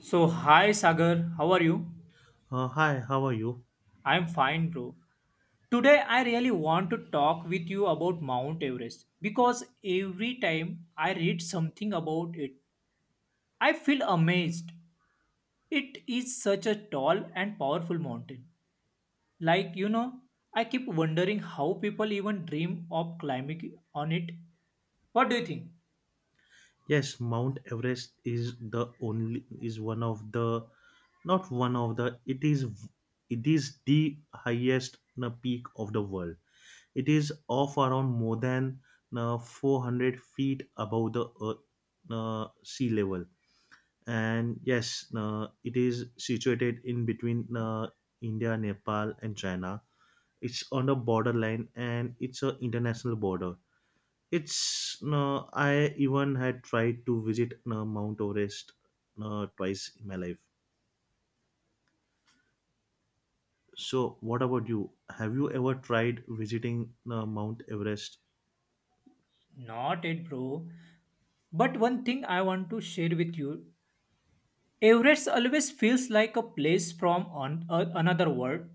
So, hi Sagar, how are you? Hi, how are you? I'm fine, bro. Today, I really want to talk with you about Mount Everest because every time I read something about it, I feel amazed. It is such a tall and powerful mountain. Like, I keep wondering how people even dream of climbing on it. What do you think? Yes, Mount Everest is the only is one of the not one of the it is the highest peak of the world. It is of around more than 400 feet above the earth sea level. And yes, it is situated in between India, Nepal, and China. It's on the borderline and it's a international border. It's No, I even had tried to visit, no, Mount Everest, no, twice in my life. So, what about you? Have you ever tried visiting, no, Mount Everest? Not it, bro. But one thing I want to share with you, Everest always feels like a place from another world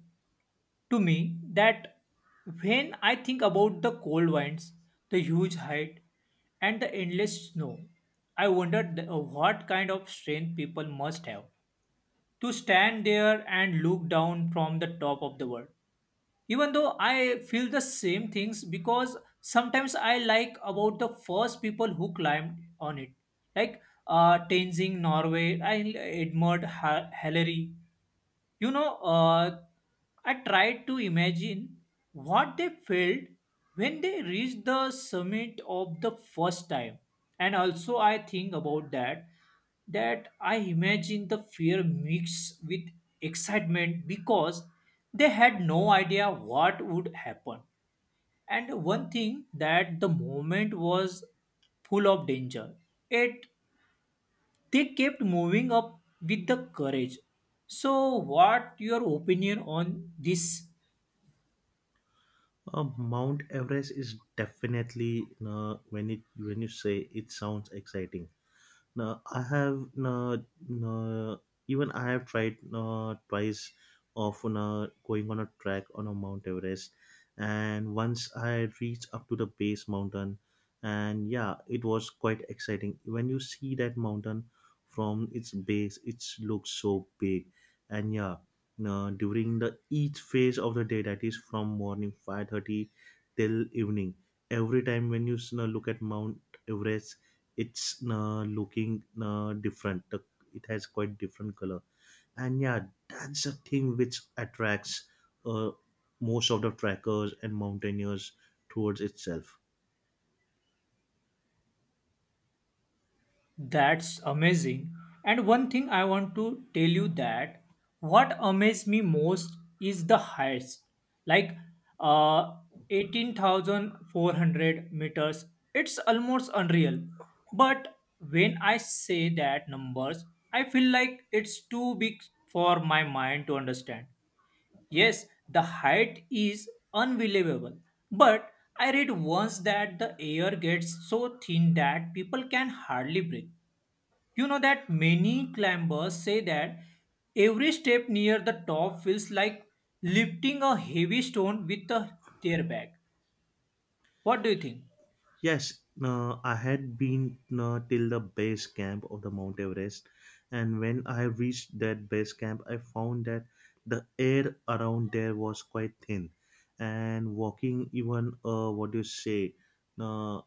to me, that when I think about the cold winds, the huge height, and the endless snow, I wondered what kind of strength people must have to stand there and look down from the top of the world. Even though I feel the same things because sometimes I like about the first people who climbed on it, like, Tenzing, Norway, I admired Hillary. you know, uh, I tried to imagine what they felt when they reached the summit of the first time. And also, I think about that, that I imagine the fear mixed with excitement because they had no idea what would happen. And one thing, that the moment was full of danger. It They kept moving up with the courage, so what your opinion on this? Mount Everest is definitely, no, when you say it sounds exciting. Now I have no, No, even I have tried, no, twice, of, no, going on a trek on a Mount Everest, and once I reached up to the base mountain, and yeah, it was quite exciting. When you see that mountain from its base, it looks so big, and yeah, no, during the each phase of the day, that is from morning 5:30 till evening, every time when you, no, look at Mount Everest, it's looking different. It has quite different color, and yeah, that's the thing which attracts uh, most of the trackers and mountaineers towards itself. That's amazing, and one thing I want to tell you, that what amazed me most is the heights, like uh 18,400 meters. It's almost unreal, but when I say that numbers I feel like it's too big for my mind to understand. Yes, the height is unbelievable. But I read once that the air gets so thin that people can hardly breathe. You know that many climbers say that every step near the top feels like lifting a heavy stone with their back. What do you think? Yes, I had been till the base camp of the Mount Everest, and when I reached that base camp, I found that the air around there was quite thin, and walking even, what do you say? uh,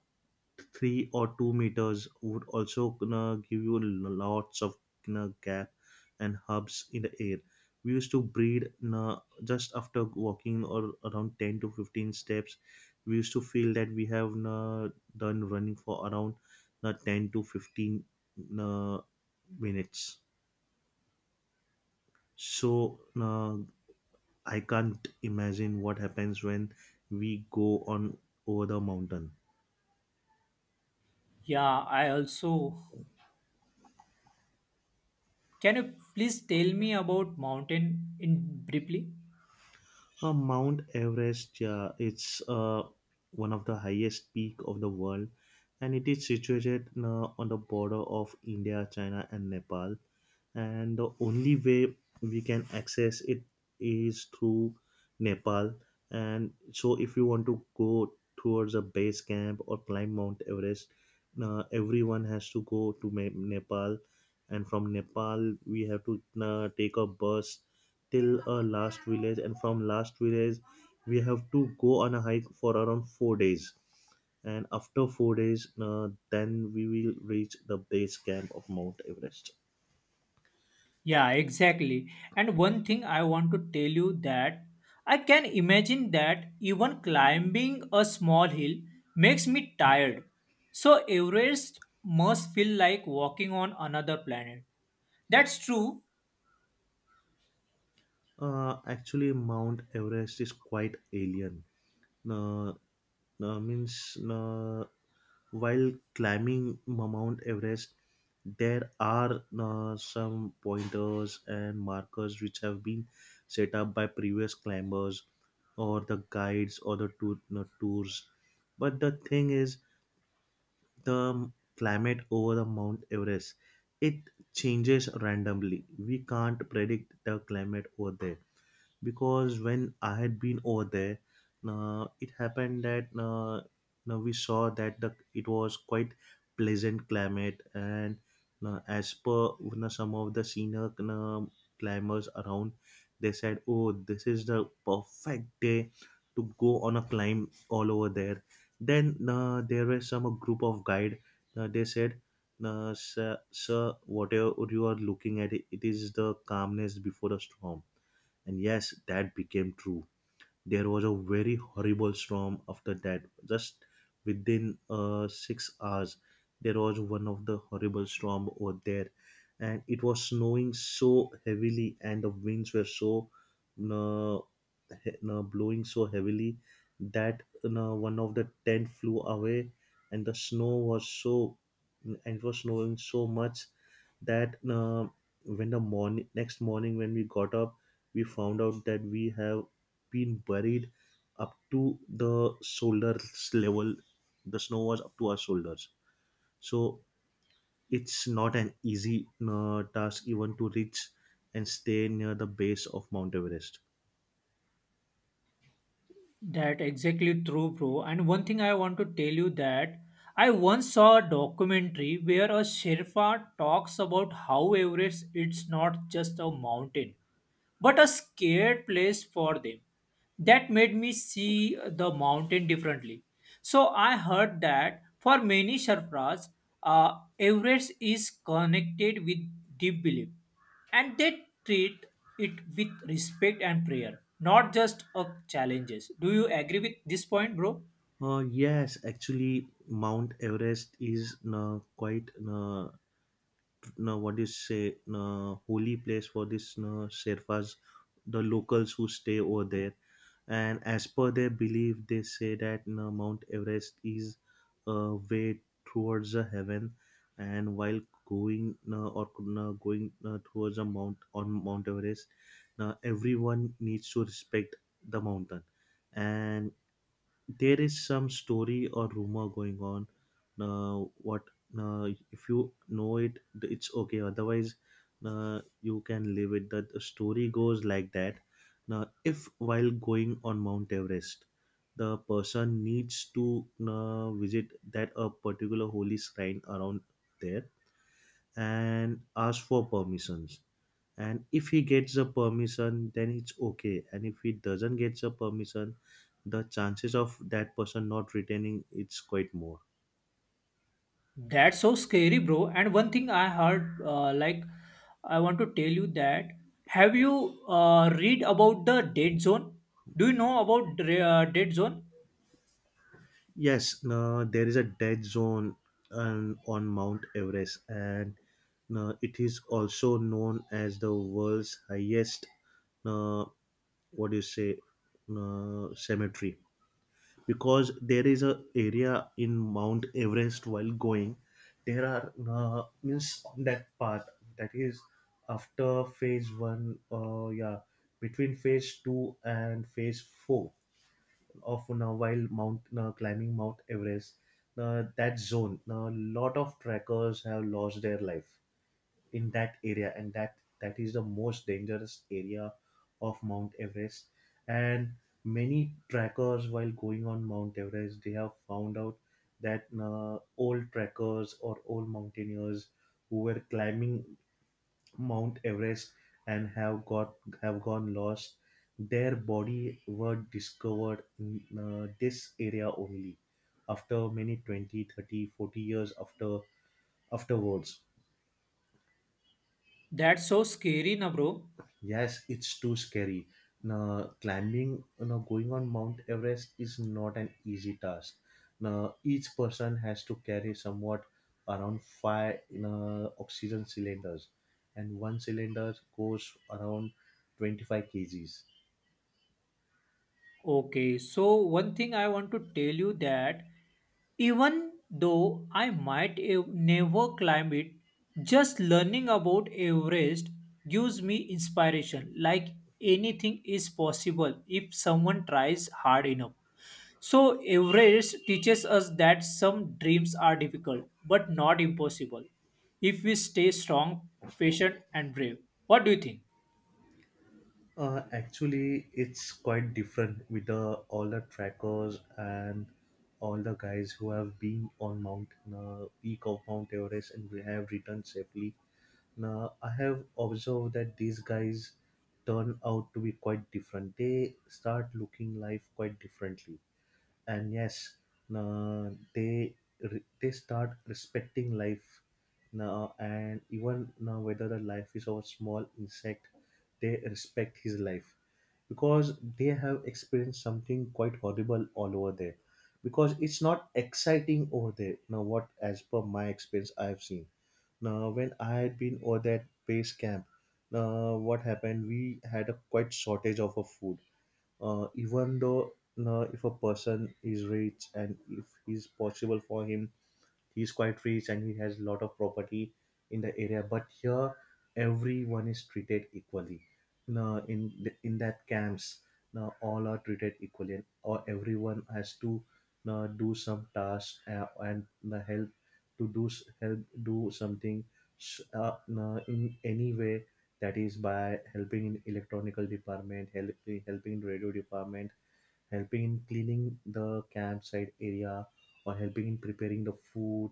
3 or 2 meters would also give you lots of gap and hubs in the air. We used to breathe, uh, just after walking or around 10 to 15 steps. We used to feel that we have done running for around 10 to 15 uh, minutes. So I can't imagine what happens when we go on over the mountain. Yeah, I also. Can you please tell me about mountain in briefly? Mount Everest, it's one of the highest peak of the world, and it is situated on the border of India, China, and Nepal, and the only way we can access it is through Nepal. And so if you want to go towards a base camp or climb Mount Everest, everyone has to go to Nepal, and from Nepal we have to take a bus till a last village, and from last village we have to go on a hike for around 4 days, and after 4 days, then we will reach the base camp of Mount Everest. Yeah, exactly. And one thing I want to tell you, that I can imagine that even climbing a small hill makes me tired. So Everest must feel like walking on another planet. That's true. Actually, Mount Everest is quite alien. Uh, means while climbing Mount Everest, there are some pointers and markers which have been set up by previous climbers or the guides or the tour, no, tours. But the thing is, the climate over the Mount Everest, it changes randomly. We can't predict the climate over there, because when I had been over there, it happened that, now we saw that the it was quite pleasant climate, and as per you know, some of the senior climbers around, they said, "Oh, this is the perfect day to go on a climb all over there." Then there were some a group of guide. They said, sir, sir, whatever you are looking at, it is the calmness before the storm, and yes, that became true. There was a very horrible storm after that. Just within 6 hours, there was one of the horrible storm over there, and it was snowing so heavily, and the winds were so uh, blowing so heavily that one of the tent flew away, and the snow was so, and it was snowing so much that, when the morning next morning when we got up, we found out that we have been buried up to the shoulders level. The snow was up to our shoulders, so it's not an easy task even to reach and stay near the base of Mount Everest. That exactly true, bro. And one thing I want to tell you, that I once saw a documentary where a Sherpa talks about how Everest, it's not just a mountain, but a scared place for them. That made me see the mountain differently. So I heard that for many Sherpas, Everest is connected with deep belief, and they treat it with respect and prayer, not just of challenges. Do you agree with this point, bro? Yes, actually Mount Everest is quite, no, what is say, no, holy place for this, no, Sherpas, the locals who stay over there. And as per their belief, they say that, no, Mount Everest is a way towards the heaven, and while going, no, or, no, going, no, towards a Mount Everest, no, everyone needs to respect the mountain. And there is some story or rumor going on. Now, what? Now, if you know it, it's okay; otherwise, you can leave it. That the story goes like that. Now, if while going on Mount Everest, the person needs to visit that a particular holy shrine around there, and ask for permissions, and if he gets the permission, then it's okay, and if he doesn't get the permission, the chances of that person not returning, it's quite more. That's so scary, bro. And one thing I heard, I want to tell you that, have you read about the dead zone? Do you know about the, dead zone? Yes, no, there is a dead zone, on Mount Everest, and, no, it is also known as the world's highest, uh, what do you say, cemetery. Because there is a area in Mount Everest, while going, there are, means on that path, that is after phase one, yeah, between phase two and phase four of, now, while mount climbing Mount Everest, that zone, a lot of trackers have lost their life in that area, and that is the most dangerous area of Mount Everest. And many trackers while going on Mount Everest, they have found out that old trackers or old mountaineers who were climbing Mount Everest and have gone lost, their body were discovered in this area only after many 20, 30, 40 years afterwards. That's so scary na, bro. Yes, it's too scary. Now, climbing, you know, going on Mount Everest is not an easy task. Now, each person has to carry somewhat around five, you know, oxygen cylinders, and one cylinder goes around 25 kgs. Okay, so one thing I want to tell you, that even though I might never climb it, just learning about Everest gives me inspiration. Like anything is possible if someone tries hard enough. So, Everest teaches us that some dreams are difficult but not impossible if we stay strong, patient, and brave. What do you think? Actually, it's quite different with all the trackers and all the guys who have been on Mount peak of Mount Everest and we have returned safely. Now, I have observed that these guys turn out to be quite different. They start looking life quite differently, and yes, uh, they they start respecting life now, and even now, whether the life is of a small insect, they respect his life, because they have experienced something quite horrible all over there, because it's not exciting over there. Now, what? As per my experience, I've seen. Now, when I had been over that base camp, now what happened, we had a quite shortage of a food, even though, if a person is rich and if it's possible for him, he's quite rich and he has a lot of property in the area. But here, everyone is treated equally. Now in that camps, now all are treated equally, and or everyone has to now do some tasks, and help to help do something, now in any way. That is by helping in electronical department, helping in radio department, helping in cleaning the campsite area, or helping in preparing the food,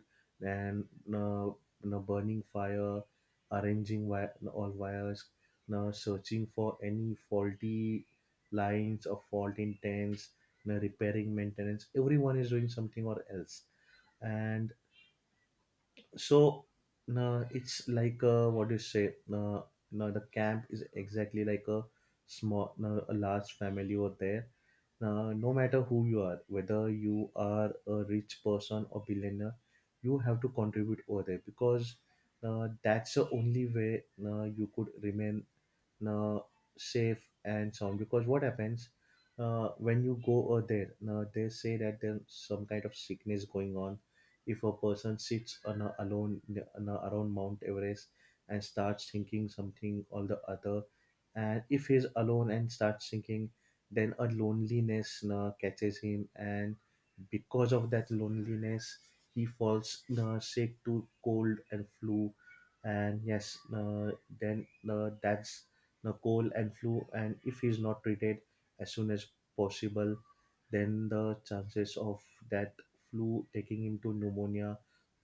and uh, you know, burning fire, all wires, now searching for any faulty lines or fault intents, now repairing, maintenance, everyone is doing something or else. And so, no, it's like, what do you say? No, no, the camp is exactly like a small, no, a large family over there. Now, no matter who you are, whether you are a rich person or billionaire, you have to contribute over there, because that's the only way you could remain uh, safe and sound. Because what happens, when you go over there, they say that there's some kind of sickness going on. If a person sits alone, around Mount Everest, and starts thinking something or the other, and if he's alone and starts thinking, then a loneliness catches him, and because of that loneliness, he falls sick to cold and flu. And yes, then that's the cold and flu, and if he is not treated as soon as possible, then the chances of that flu taking him to pneumonia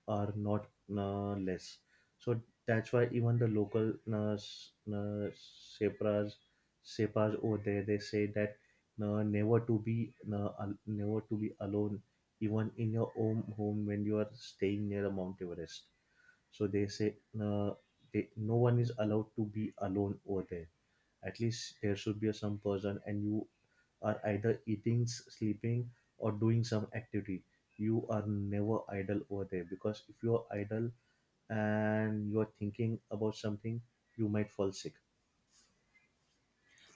are not less. So that's why even the local sepras sepas over there, they say that, never to be, never to be alone, even in your own home, when you are staying near a Mount Everest. So they say, uh, no one is allowed to be alone over there. At least there should be some person, and you are either eating, sleeping, or doing some activity. You are never idle over there, because if you are idle and you are thinking about something, you might fall sick.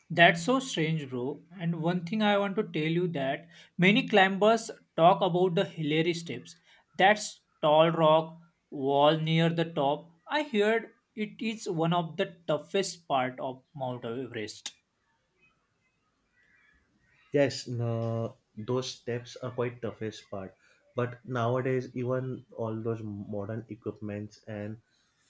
That's so strange, bro. And one thing I want to tell you, that many climbers talk about the Hillary steps. That's tall rock wall near the top. I heard it is one of the toughest part of Mount Everest. Yes, no, those steps are quite toughest part, but nowadays, even all those modern equipments and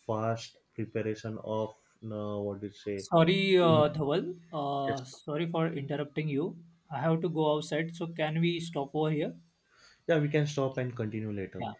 fast preparation of, no, what do you say? Sorry, Yes, Dhawal. Sorry for interrupting you. I have to go outside, so can we stop over here? yeah we can stop and continue later. Yeah.